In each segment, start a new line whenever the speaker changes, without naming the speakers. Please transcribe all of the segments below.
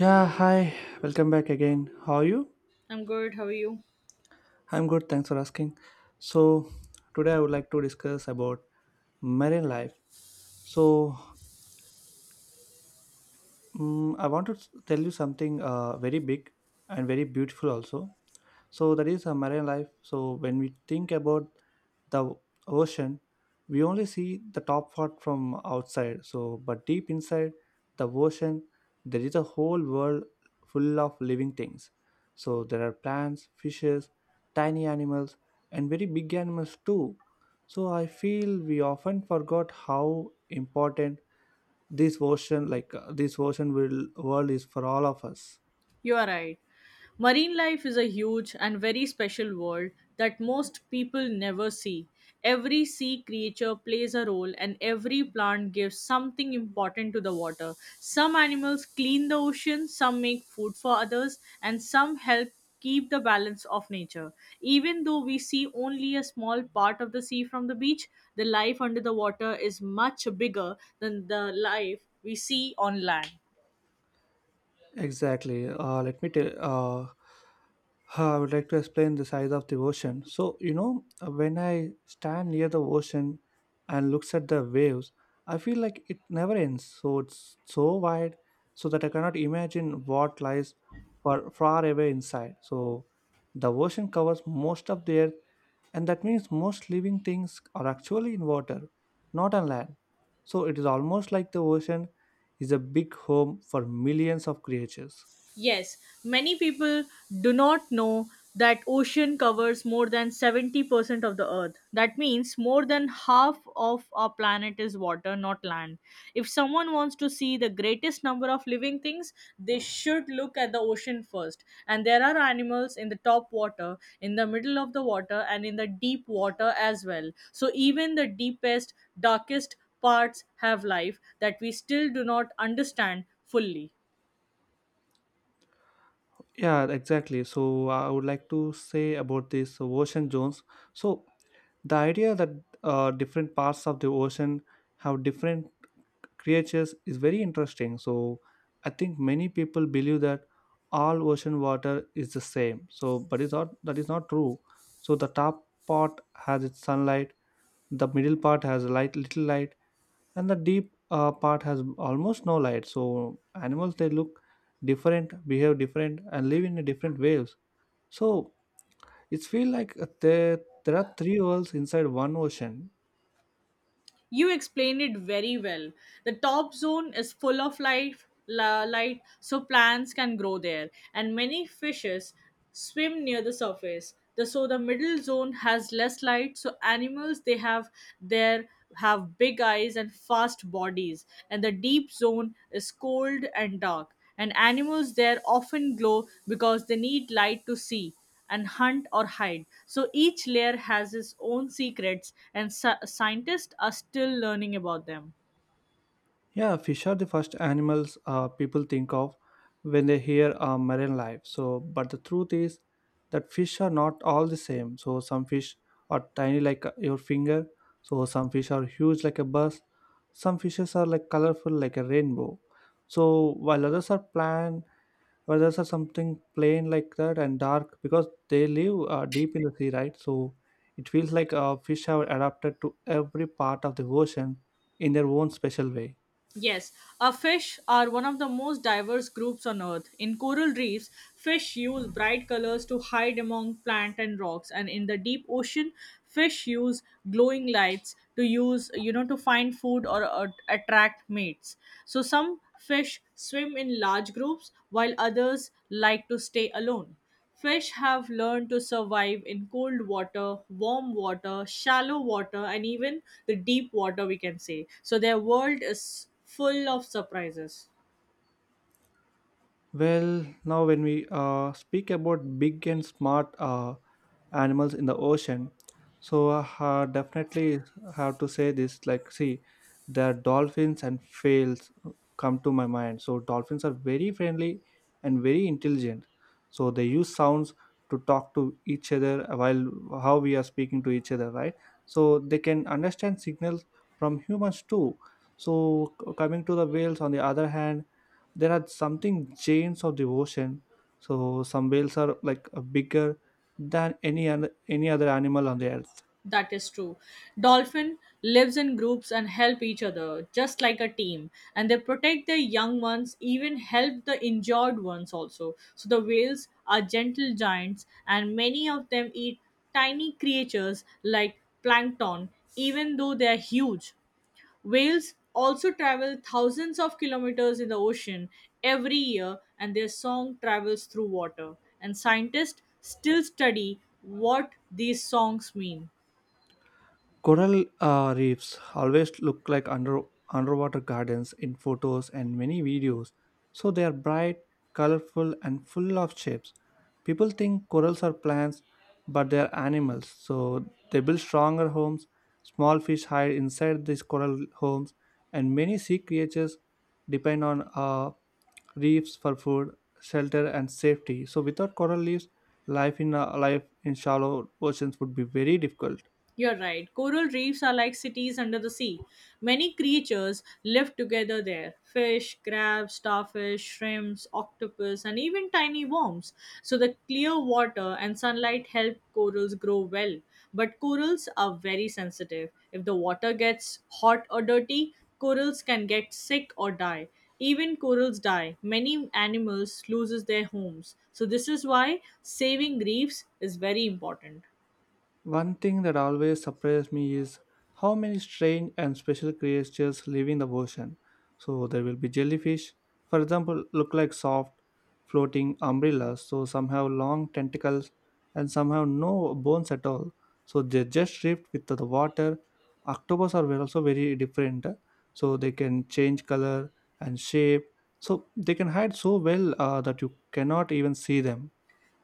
Yeah, hi, welcome back again. How are you?
I'm good. How are you?
I'm good, thanks for asking. So, today I would like to discuss about marine life. So, I want to tell you something very big and very beautiful also. So that is a marine life. So when we think about the ocean, we only see the top part from outside. So but deep inside the ocean, there is a whole world full of living things. So there are plants, fishes, tiny animals, and very big animals too. So I feel we often forgot how important this version will world is for all of us.
You are right. Marine life is a huge and very special world that most people never see. Every sea creature plays a role, and every plant gives something important to the water. Some animals clean the ocean, some make food for others, and some help keep the balance of nature. Even though we see only a small part of the sea from the beach, the life under the water is much bigger than the life we see on land.
Exactly. Let me tell I would like to explain the size of the ocean. So you know, when I stand near the ocean and looks at the waves, I feel like it never ends, so it's so wide, so that I cannot imagine what lies far, far away inside. So the ocean covers most of the earth, and that means most living things are actually in water, not on land. So it is almost like the ocean is a big home for millions of creatures.
Yes, many people do not know that ocean covers more than 70% of the earth. That means more than half of our planet is water, not land. If someone wants to see the greatest number of living things, they should look at the ocean first. And there are animals in the top water, in the middle of the water, and in the deep water as well. So even the deepest, darkest parts have life that we still do not understand fully.
Yeah, exactly. So I would like to say about this ocean zones. So the idea that different parts of the ocean have different creatures is very interesting. So I think many people believe that all ocean water is the same. So but it's not, that is not true. So the top part has its sunlight, the middle part has light little light, and the deep part has almost no light, so animals, they look different, behave different, and live in a different waves. So it's feel like there are three worlds inside one ocean.
You explained it very well. The top zone is full of life, light, so plants can grow there, and many fishes swim near the surface. So the middle zone has less light, so animals they have there have big eyes and fast bodies, and the deep zone is cold and dark. And animals there often glow because they need light to see and hunt or hide. So each layer has its own secrets, and scientists are still learning about them.
Yeah, fish are the first animals people think of when they hear marine life. So, but the truth is that fish are not all the same. So, some fish are tiny like your finger. So, some fish are huge like a bus. Some fishes are like colorful like a rainbow. So, while others are plain, others are something plain like that and dark because they live deep in the sea, right? So, it feels like fish have adapted to every part of the ocean in their own special way.
Yes, fish are one of the most diverse groups on Earth. In coral reefs, fish use bright colors to hide among plant and rocks, and in the deep ocean, fish use glowing lights to use you know to find food or attract mates. So some fish swim in large groups, while others like to stay alone. Fish have learned to survive in cold water, warm water, shallow water, and even the deep water, we can say. So their world is full of surprises.
Well, now when we speak about big and smart animals in the ocean, so definitely have to say this. Like, see, the dolphins and whales come to my mind. So dolphins are very friendly and very intelligent. So they use sounds to talk to each other, while how we are speaking to each other, right? So they can understand signals from humans too. So coming to the whales, on the other hand, there are something chains of devotion. So some whales are like bigger than any other animal on the earth.
That is true. Dolphin lives in groups and help each other, just like a team. And they protect their young ones, even help the injured ones also. So the whales are gentle giants, and many of them eat tiny creatures like plankton, even though they are huge. Whales also travel thousands of kilometers in the ocean every year, and their song travels through water. And scientists still study what these songs mean.
Coral reefs always look like underwater gardens in photos and many videos, so they are bright, colorful, and full of shapes. People think corals are plants, but they are animals, so they build stronger homes. Small fish hide inside these coral homes, and many sea creatures depend on reefs for food, shelter, and safety. So, without coral reefs, life in shallow oceans would be very difficult.
You're right. Coral reefs are like cities under the sea. Many creatures live together there: fish, crabs, starfish, shrimps, octopus, and even tiny worms. So the clear water and sunlight help corals grow well. But corals are very sensitive. If the water gets hot or dirty, corals can get sick or die. Even corals die. Many animals loses their homes. So this is why saving reefs is very important.
One thing that always surprised me is how many strange and special creatures live in the ocean. So there will be jellyfish, for example, look like soft floating umbrellas, so some have long tentacles and some have no bones at all. So they just drift with the water. Octopus are also very different, so they can change color and shape. So they can hide so well that you cannot even see them.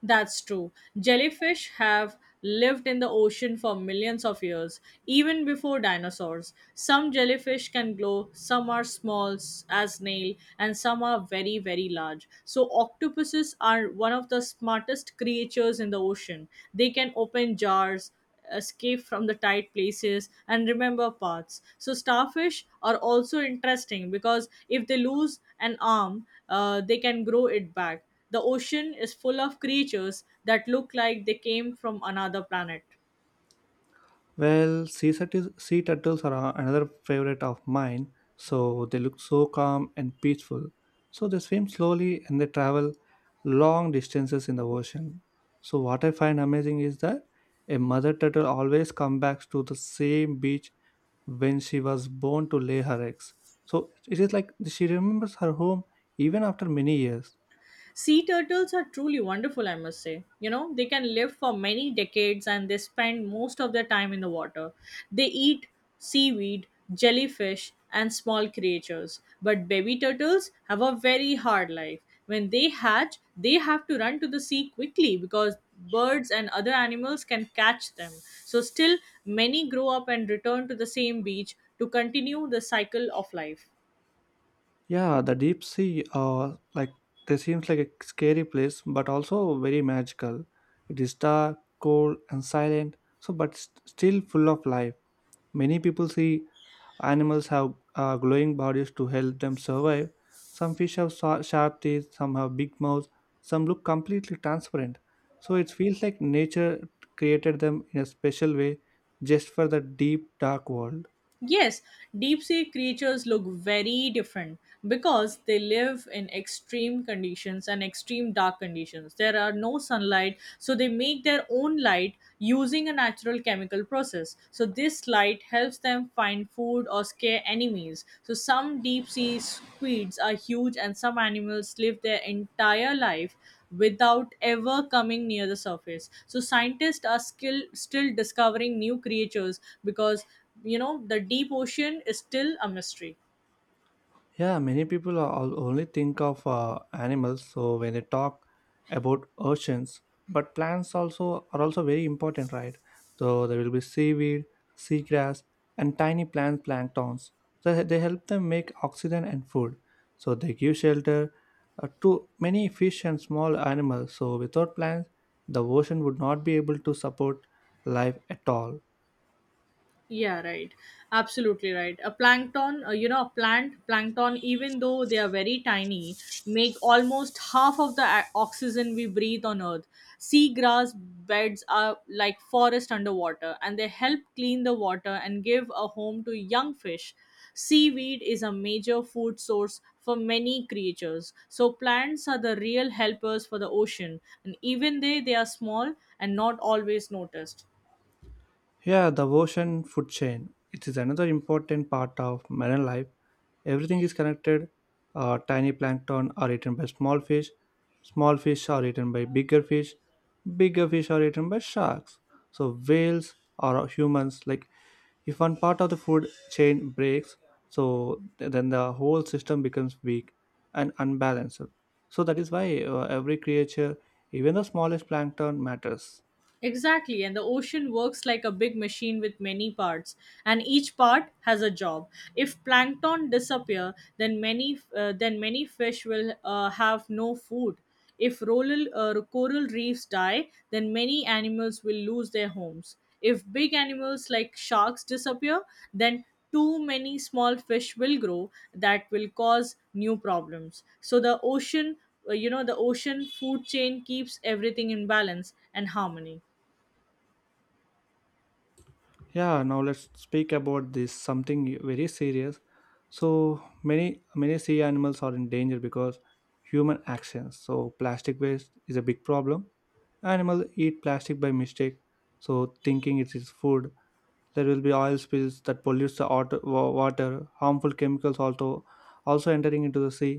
That's true. Jellyfish have lived in the ocean for millions of years, even before dinosaurs. Some jellyfish can glow, some are small as snail, and some are very, very large. So octopuses are one of the smartest creatures in the ocean. They can open jars, escape from the tight places and remember paths. So starfish are also interesting because if they lose an arm they can grow it back. The ocean is full of creatures that look like they came from another planet.
Well, sea turtles are another favorite of mine. So they look so calm and peaceful. So they swim slowly and they travel long distances in the ocean. So what I find amazing is that a mother turtle always comes back to the same beach when she was born to lay her eggs. So it is like she remembers her home even after many years.
Sea turtles are truly wonderful, I must say. They can live for many decades and they spend most of their time in the water. They eat seaweed, jellyfish, and small creatures. But baby turtles have a very hard life. When they hatch, they have to run to the sea quickly because birds and other animals can catch them. So, still, many grow up and return to the same beach to continue the cycle of life.
Yeah, the deep sea, like they seems like a scary place, but also very magical. It is dark, cold, and silent, so but still full of life. Many people see animals have glowing bodies to help them survive. Some fish have sharp teeth, some have big mouths, some look completely transparent. So it feels like nature created them in a special way, just for the deep, dark world.
Yes, deep sea creatures look very different because they live in extreme conditions and extreme dark conditions. There are no sunlight, so they make their own light using a natural chemical process. So, this light helps them find food or scare enemies. So, some deep sea squids are huge, and some animals live their entire life without ever coming near the surface. So scientists are still discovering new creatures because the deep ocean is still a mystery.
Yeah, many people are only think of animals so when they talk about oceans, but plants also are also very important, right? So there will be seaweed, seagrass, and tiny plant planktons. So they help them make oxygen and food. So they give shelter to many fish and small animals. So without plants, the ocean would not be able to support life at all.
Yeah, right. Absolutely right. A plankton, a plant, plankton, even though they are very tiny, make almost half of the oxygen we breathe on Earth. Seagrass beds are like forest underwater, and they help clean the water and give a home to young fish. Seaweed is a major food source for many creatures. So plants are the real helpers for the ocean, and even they are small and not always noticed.
Yeah, the ocean food chain. It is another important part of marine life. Everything is connected. Tiny plankton are eaten by small fish. Small fish are eaten by bigger fish. Bigger fish are eaten by sharks. So whales are humans. Like if one part of the food chain breaks, so then the whole system becomes weak and unbalanced. So that is why every creature, even the smallest plankton, matters.
Exactly, and the ocean works like a big machine with many parts, and each part has a job. If plankton disappear, then many fish will have no food. If coral reefs die, then many animals will lose their homes. If big animals like sharks disappear, then too many small fish will grow that will cause new problems. So the ocean food chain keeps everything in balance and harmony.
Yeah, now let's speak about this something very serious. So many sea animals are in danger because human actions. So plastic waste is a big problem. Animals eat plastic by mistake, so thinking it is food. There will be oil spills that pollutes the water, water, harmful chemicals also entering into the sea.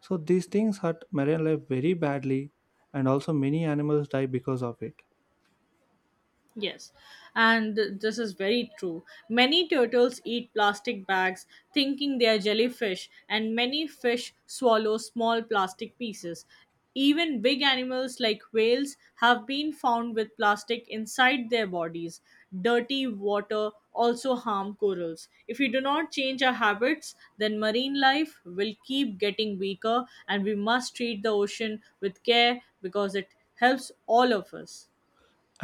So these things hurt marine life very badly, and also many animals die because of it.
Yes, and this is very true. Many turtles eat plastic bags thinking they are jellyfish, and many fish swallow small plastic pieces. Even big animals like whales have been found with plastic inside their bodies. Dirty water also harm corals. If we do not change our habits, then marine life will keep getting weaker, and we must treat the ocean with care because it helps all of us.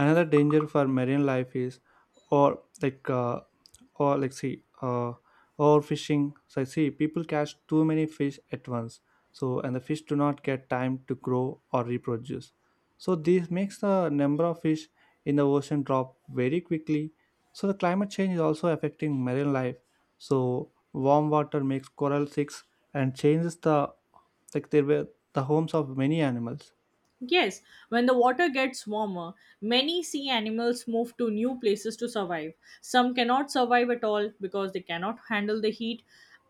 Another danger for marine life is, or like uh, or like see uh, overfishing. So I see people catch too many fish at once, so and the fish do not get time to grow or reproduce. So this makes the number of fish in the ocean drop very quickly. So the climate change is also affecting marine life. So warm water makes coral sick and changes the, like they were, the homes of many animals.
Yes, when the water gets warmer, many sea animals move to new places to survive. Some cannot survive at all because they cannot handle the heat.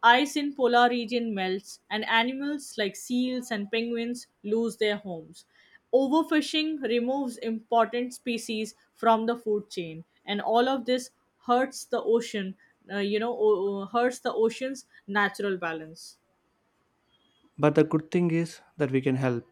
Ice in polar region melts and animals like seals and penguins lose their homes. Overfishing removes important species from the food chain and all of this hurts the ocean, hurts the ocean's natural balance.
But the good thing is that we can help.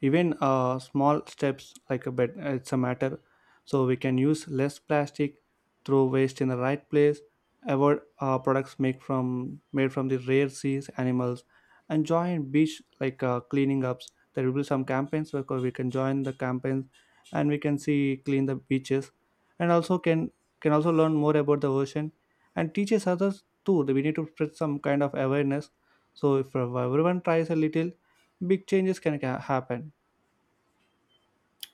Even small steps like a bed it's a matter. So we can use less plastic, throw waste in the right place, avoid products made from the rare seas animals, and join beach like cleaning ups. There will be some campaigns where we can join the campaigns, and we can see clean the beaches, and also can also learn more about the ocean and teaches others too. We need to spread some kind of awareness. So if everyone tries a little, big changes can happen.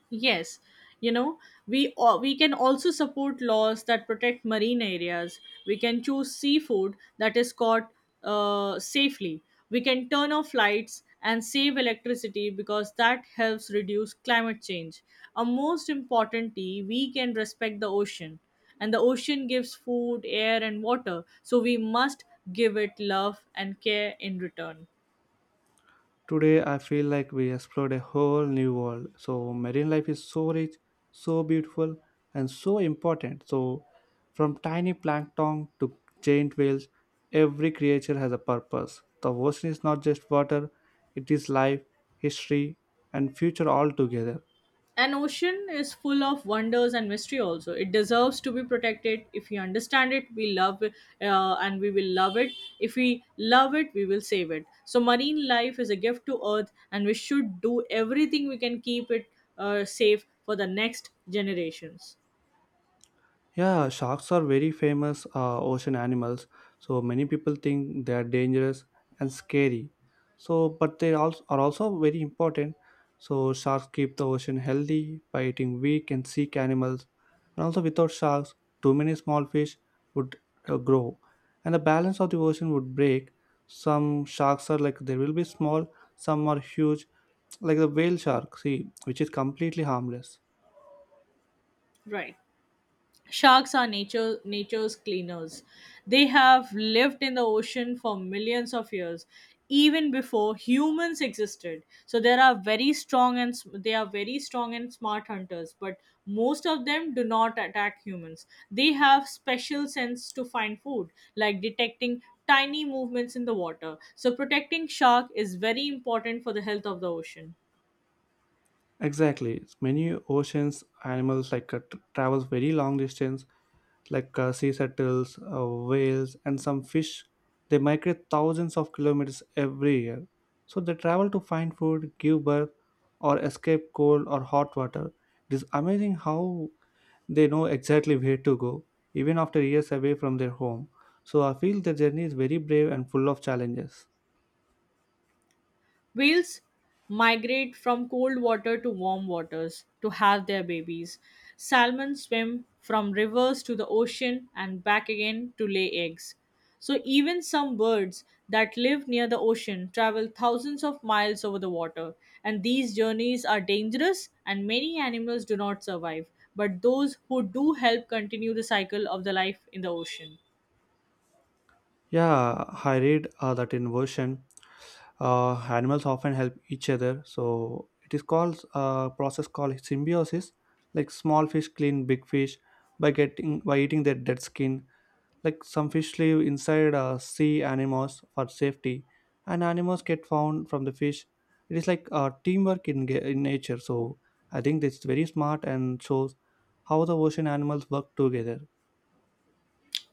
Yes, you know, we can also support laws that protect marine areas. We can choose seafood that is caught safely. We can turn off lights and save electricity because that helps reduce climate change. And most importantly, we can respect the ocean. And the ocean gives food, air, and water, so we must give it love and care in return.
Today, I feel like we explored a whole new world. So marine life is so rich, so beautiful, and so important. So from tiny plankton to giant whales, every creature has a purpose. The ocean is not just water; it is life, history, and future all together.
An ocean is full of wonders and mystery also. It deserves to be protected. If we understand it, we love it and we will love it. If we love it, we will save it. So, marine life is a gift to Earth and we should do everything we can keep it safe for the next generations.
Yeah, sharks are very famous ocean animals. So many people think they are dangerous and scary. So, but they also are also very important. So sharks keep the ocean healthy by eating weak and sick animals. And also, without sharks, too many small fish would grow, and the balance of the ocean would break. Some sharks are like they will be small, some are huge, like the whale shark, see, which is completely harmless.
Right. Sharks are nature's cleaners. They have lived in the ocean for millions of years, even before humans existed. So there are very strong and sm- they are very strong and smart hunters, but most of them do not attack humans. They have special sense to find food, like detecting tiny movements in the water. So protecting shark is very important for the health of the ocean.
Exactly. Many oceans animals like travels very long distance, like sea turtles, whales, and some fish. They migrate thousands of kilometers every year. So they travel to find food, give birth, or escape cold or hot water. It is amazing how they know exactly where to go, even after years away from their home. So I feel their journey is very brave and full of challenges.
Whales migrate from cold water to warm waters to have their babies. Salmon swim from rivers to the ocean and back again to lay eggs. So, even some birds that live near the ocean travel thousands of miles over the water, and these journeys are dangerous, and many animals do not survive. But those who do help continue the cycle of the life in the ocean.
Yeah, I read that in version. Animals often help each other, so it is called a process called symbiosis. Like small fish clean big fish by getting, by eating their dead skin. Like some fish live inside sea animals for safety, and animals get found from the fish. It is like teamwork in, in nature. So I think that's very smart and shows how the ocean animals work together.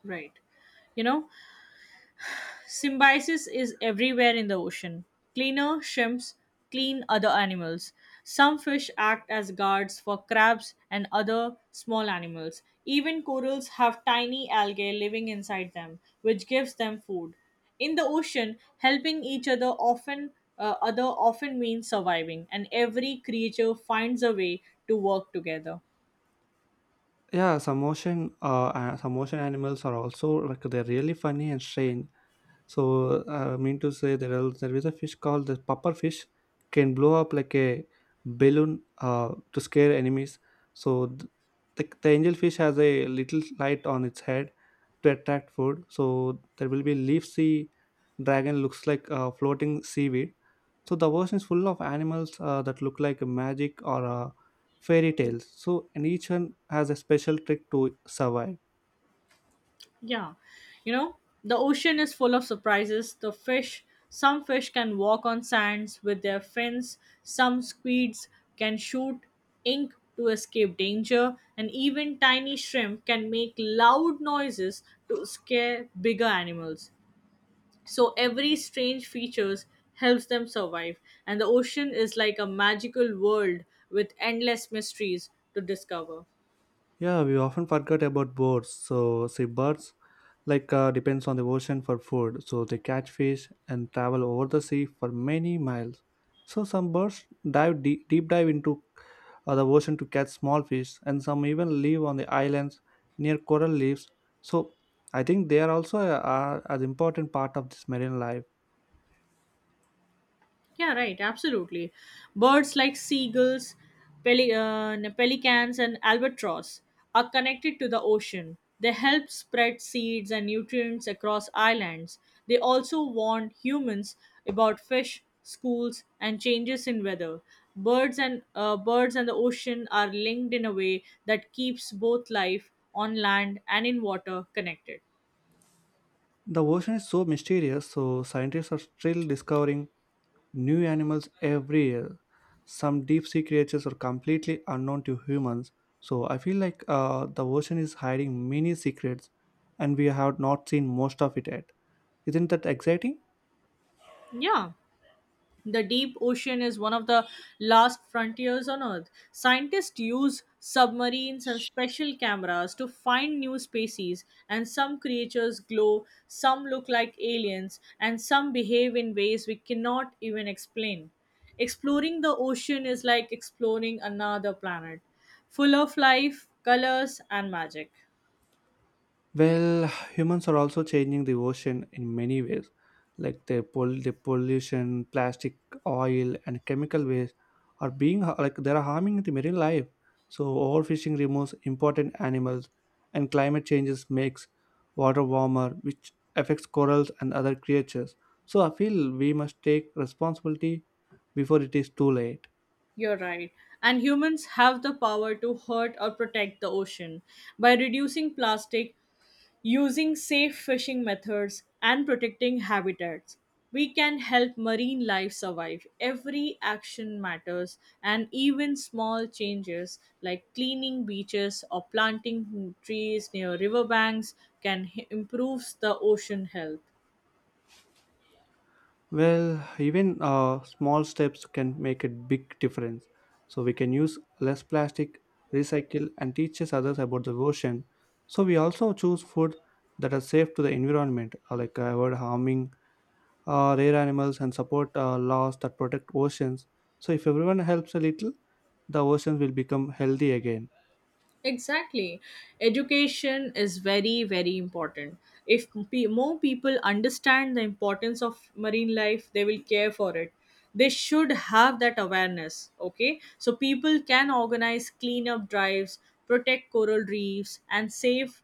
Right. you know Symbiosis is everywhere in the ocean. Cleaner shrimps clean other animals. Some fish act as guards for crabs and other small animals. Even corals have tiny algae living inside them, which gives them food. In the ocean, helping each other often means surviving, and every creature finds a way to work together.
Yeah, some ocean animals are also like they're really funny and strange. So I mean to say there are, there is a fish called the puffer fish, can blow up like a balloon to scare enemies. So the angel fish has a little light on its head to attract food. So there will be leaf sea dragon looks like floating seaweed. So the ocean is full of animals that look like magic or fairy tales. So and each one has a special trick to survive.
Yeah. You know, the ocean is full of surprises. Some fish can walk on sands with their fins, some squids can shoot ink to escape danger, and even tiny shrimp can make loud noises to scare bigger animals. So every strange features helps them survive, and the ocean is like a magical world with endless mysteries to discover.
Yeah, we often forget about birds. So seabirds, like depends on the ocean for food. So they catch fish and travel over the sea for many miles. So some birds dive deep, deep dive into the ocean to catch small fish, and some even live on the islands near coral reefs. So I think they are also an important part of this marine life.
Yeah, right. Absolutely. Birds like seagulls, pelicans, and albatross are connected to the ocean. They help spread seeds and nutrients across islands. They also warn humans about fish, schools, and changes in weather. Birds and the ocean are linked in a way that keeps both life on land and in water connected.
The ocean is so mysterious. So scientists are still discovering new animals every year. Some deep sea creatures are completely unknown to humans. So I feel like the ocean is hiding many secrets and we have not seen most of it yet. Isn't that exciting?
Yeah. The deep ocean is one of the last frontiers on Earth. Scientists use submarines and special cameras to find new species, and some creatures glow, some look like aliens, and some behave in ways we cannot even explain. Exploring the ocean is like exploring another planet, full of life, colors, and magic.
Well, humans are also changing the ocean in many ways, like the pollution, plastic, oil, and chemical waste like they are harming the marine life. So overfishing removes important animals, and climate changes makes water warmer, which affects corals and other creatures. So I feel we must take responsibility before it is too late.
You're right. And humans have the power to hurt or protect the ocean. By reducing plastic, using safe fishing methods and protecting habitats, we can help marine life survive. Every action matters, and even small changes like cleaning beaches or planting trees near riverbanks improves the ocean health.
Well, even small steps can make a big difference. So we can use less plastic, recycle, and teaches others about the ocean. So we also choose food that are safe to the environment, like avoid harming rare animals and support laws that protect oceans. So if everyone helps a little, the oceans will become healthy again.
Exactly. Education is very, very important. If pe- More people understand the importance of marine life, they will care for it. They should have that awareness, okay? So people can organize cleanup drives, protect coral reefs, and save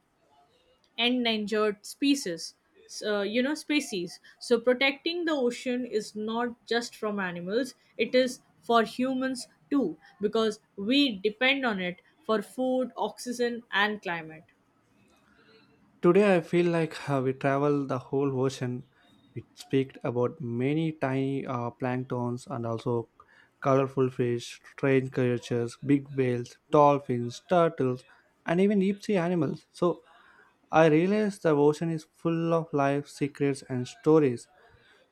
endangered species so protecting the ocean is not just from animals, it is for humans too, because we depend on it for food, oxygen and climate.
Today, I feel like we travel the whole ocean. We speak about many tiny planktons and also colorful fish, strange creatures, big whales, dolphins, turtles, and even deep sea animals. So, I realize the ocean is full of life, secrets, and stories.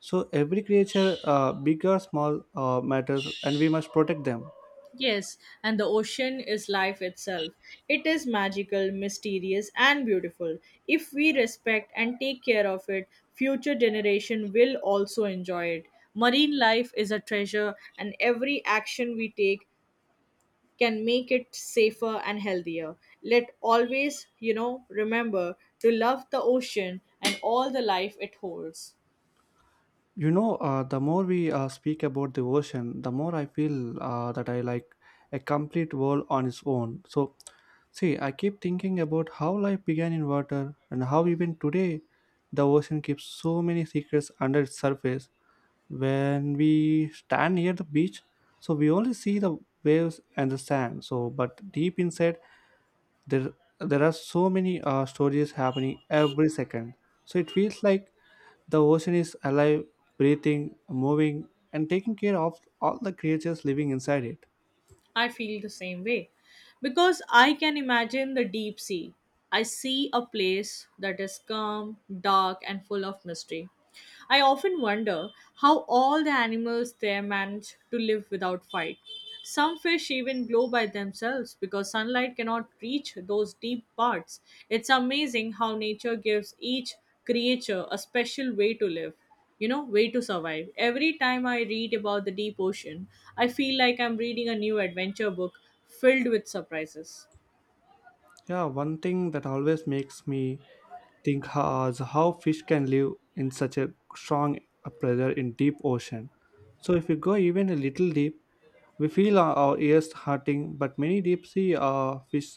So, every creature, big or small, matters, and we must protect them.
Yes, and the ocean is life itself. It is magical, mysterious and beautiful. If we respect and take care of it, future generation will also enjoy it. Marine life is a treasure, and every action we take can make it safer and healthier. Let always, remember to love the ocean and all the life it holds.
You know, the more we speak about the ocean, the more I feel that I like a complete world on its own. So, see, I keep thinking about how life began in water and how even today the ocean keeps so many secrets under its surface. When we stand near the beach, so we only see the waves and the sand. So, but deep inside, there there are so many stories happening every second. So it feels like the ocean is alive, breathing, moving, and taking care of all the creatures living inside it.
I feel the same way because I can imagine the deep sea. I see a place that is calm, dark, and full of mystery. I often wonder how all the animals there manage to live without fight. Some fish even glow by themselves because sunlight cannot reach those deep parts. It's amazing how nature gives each creature a special way to live you know way to survive. Every time I read about the deep ocean, I feel like I'm reading a new adventure book filled with surprises.
Yeah, one thing that always makes me is how fish can live in such a strong pressure in deep ocean. So if you go even a little deep, we feel our ears hurting, but many deep sea fish,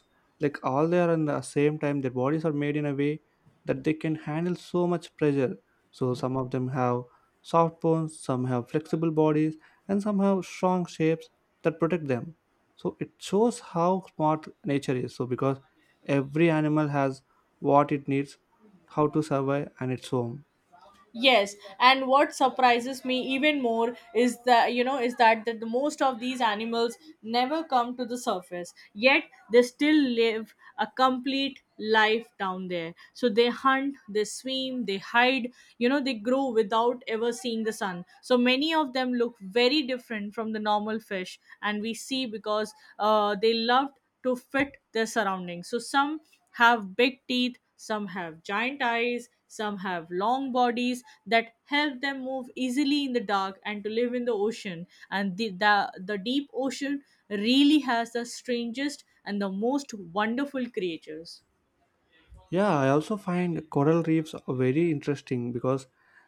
like all they are in the same time, their bodies are made in a way that they can handle so much pressure. So some of them have soft bones, some have flexible bodies, and some have strong shapes that protect them. So it shows how smart nature is. So because every animal has what it needs, how to survive, and its home.
Yes, and what surprises me even more is that the most of these animals never come to the surface. Yet they still live a complete life down there. So they hunt, they swim, they hide. You know, they grow without ever seeing the sun. So many of them look very different from the normal fish, and we see because they loved to fit their surroundings. So some have big teeth, some have giant eyes, some have long bodies that help them move easily in the dark and to live in the ocean. And the deep ocean really has the strangest and the most wonderful creatures.
Yeah, I also find coral reefs are very interesting because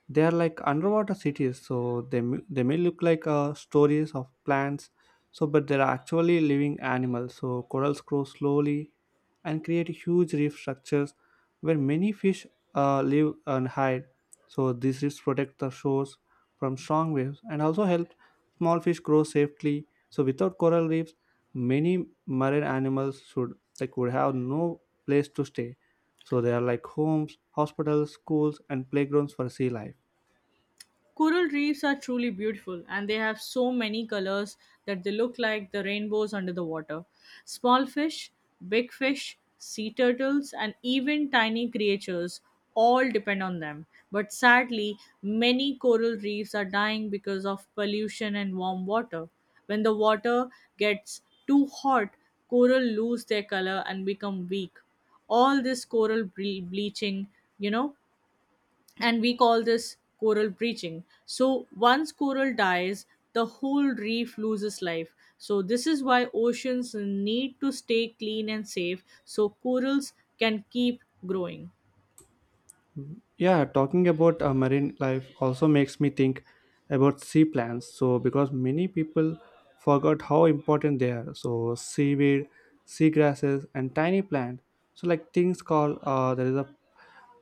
they are like underwater cities. So they may look like stories of plants, so but they are actually living animals. So corals grow slowly and create huge reef structures where many fish live and hide. So these reefs protect the shores from strong waves and also help small fish grow safely. So without coral reefs, many marine animals should like would have no place to stay. So they are like homes, hospitals, schools, and playgrounds for sea life.
Coral reefs are truly beautiful and they have so many colors that they look like the rainbows under the water. Small fish, big fish, sea turtles, and even tiny creatures all depend on them. But sadly, many coral reefs are dying because of pollution and warm water. When the water gets too hot, coral lose their color and become weak. All this bleaching, you know and we call this coral breaching. So once coral dies, the whole reef loses life. So this is why oceans need to stay clean and safe so corals can keep growing.
Yeah, talking about marine life also makes me think about sea plants. So because many people forgot how important they are. So seaweed, seagrasses, and tiny plant. So like things called there is a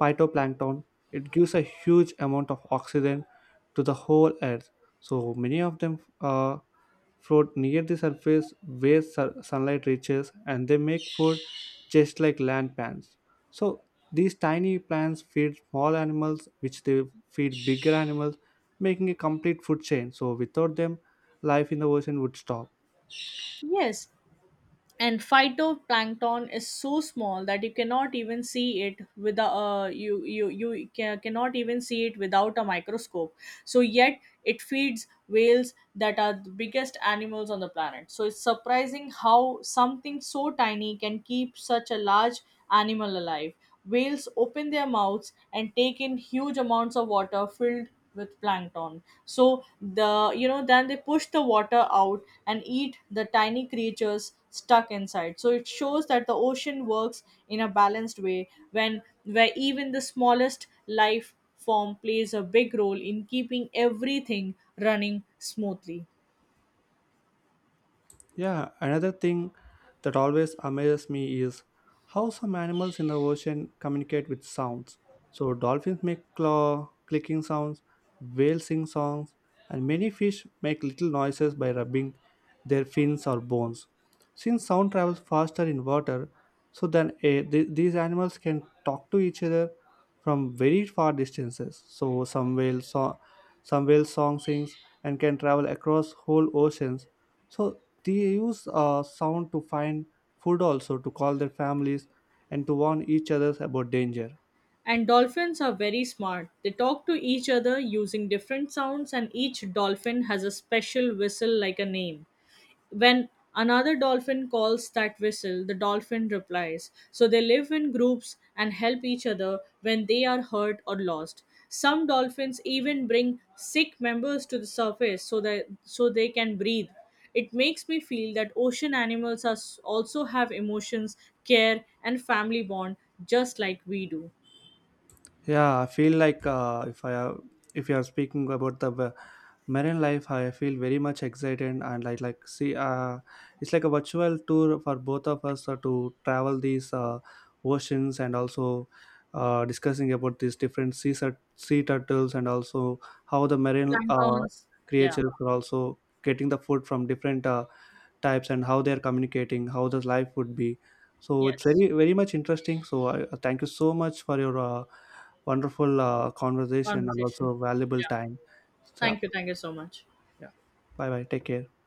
phytoplankton. It gives a huge amount of oxygen to the whole earth. So many of them float near the surface where sunlight reaches and they make food just like land plants. So these tiny plants feed small animals which they feed bigger animals making a complete food chain. So without them life in the ocean would stop.
Yes, and phytoplankton is so small that you cannot even see it with a, cannot even see it without a microscope, so yet it feeds whales that are the biggest animals on the planet. So it's surprising how something so tiny can keep such a large animal alive. Whales open their mouths and take in huge amounts of water filled with plankton. So then they push the water out and eat the tiny creatures stuck inside. So it shows that the ocean works in a balanced way when where even the smallest life form plays a big role in keeping everything running smoothly.
Yeah, another thing that always amazes me is how some animals in the ocean communicate with sounds. So dolphins make claw clicking sounds, whales sing songs, and many fish make little noises by rubbing their fins or bones. Since sound travels faster in water, so then these animals can talk to each other from very far distances. So some whale song sings and can travel across whole oceans so they use sound to find food also to call their families and to warn each other about danger.
And dolphins are very smart. They talk to each other using different sounds, and each dolphin has a special whistle like a name. When another dolphin calls that whistle, the dolphin replies. So they live in groups and help each other when they are hurt or lost. Some dolphins even bring sick members to the surface so that so they can breathe. It makes me feel that ocean animals are, also have emotions, care, and family bond just like we do.
Yeah, I feel like if I if you are speaking about the marine life, I feel very much excited and I like see it's like a virtual tour for both of us to travel these oceans and also discussing about these different sea turtles and also how the marine
Planktons, yeah,
creatures are also getting the food from different. Types and how they're communicating how the life would be so it's
yes,
very very much interesting so I thank you so much for your wonderful conversation and
conversation,
also valuable
yeah.
time so,
Thank you so much.
yeah bye bye take care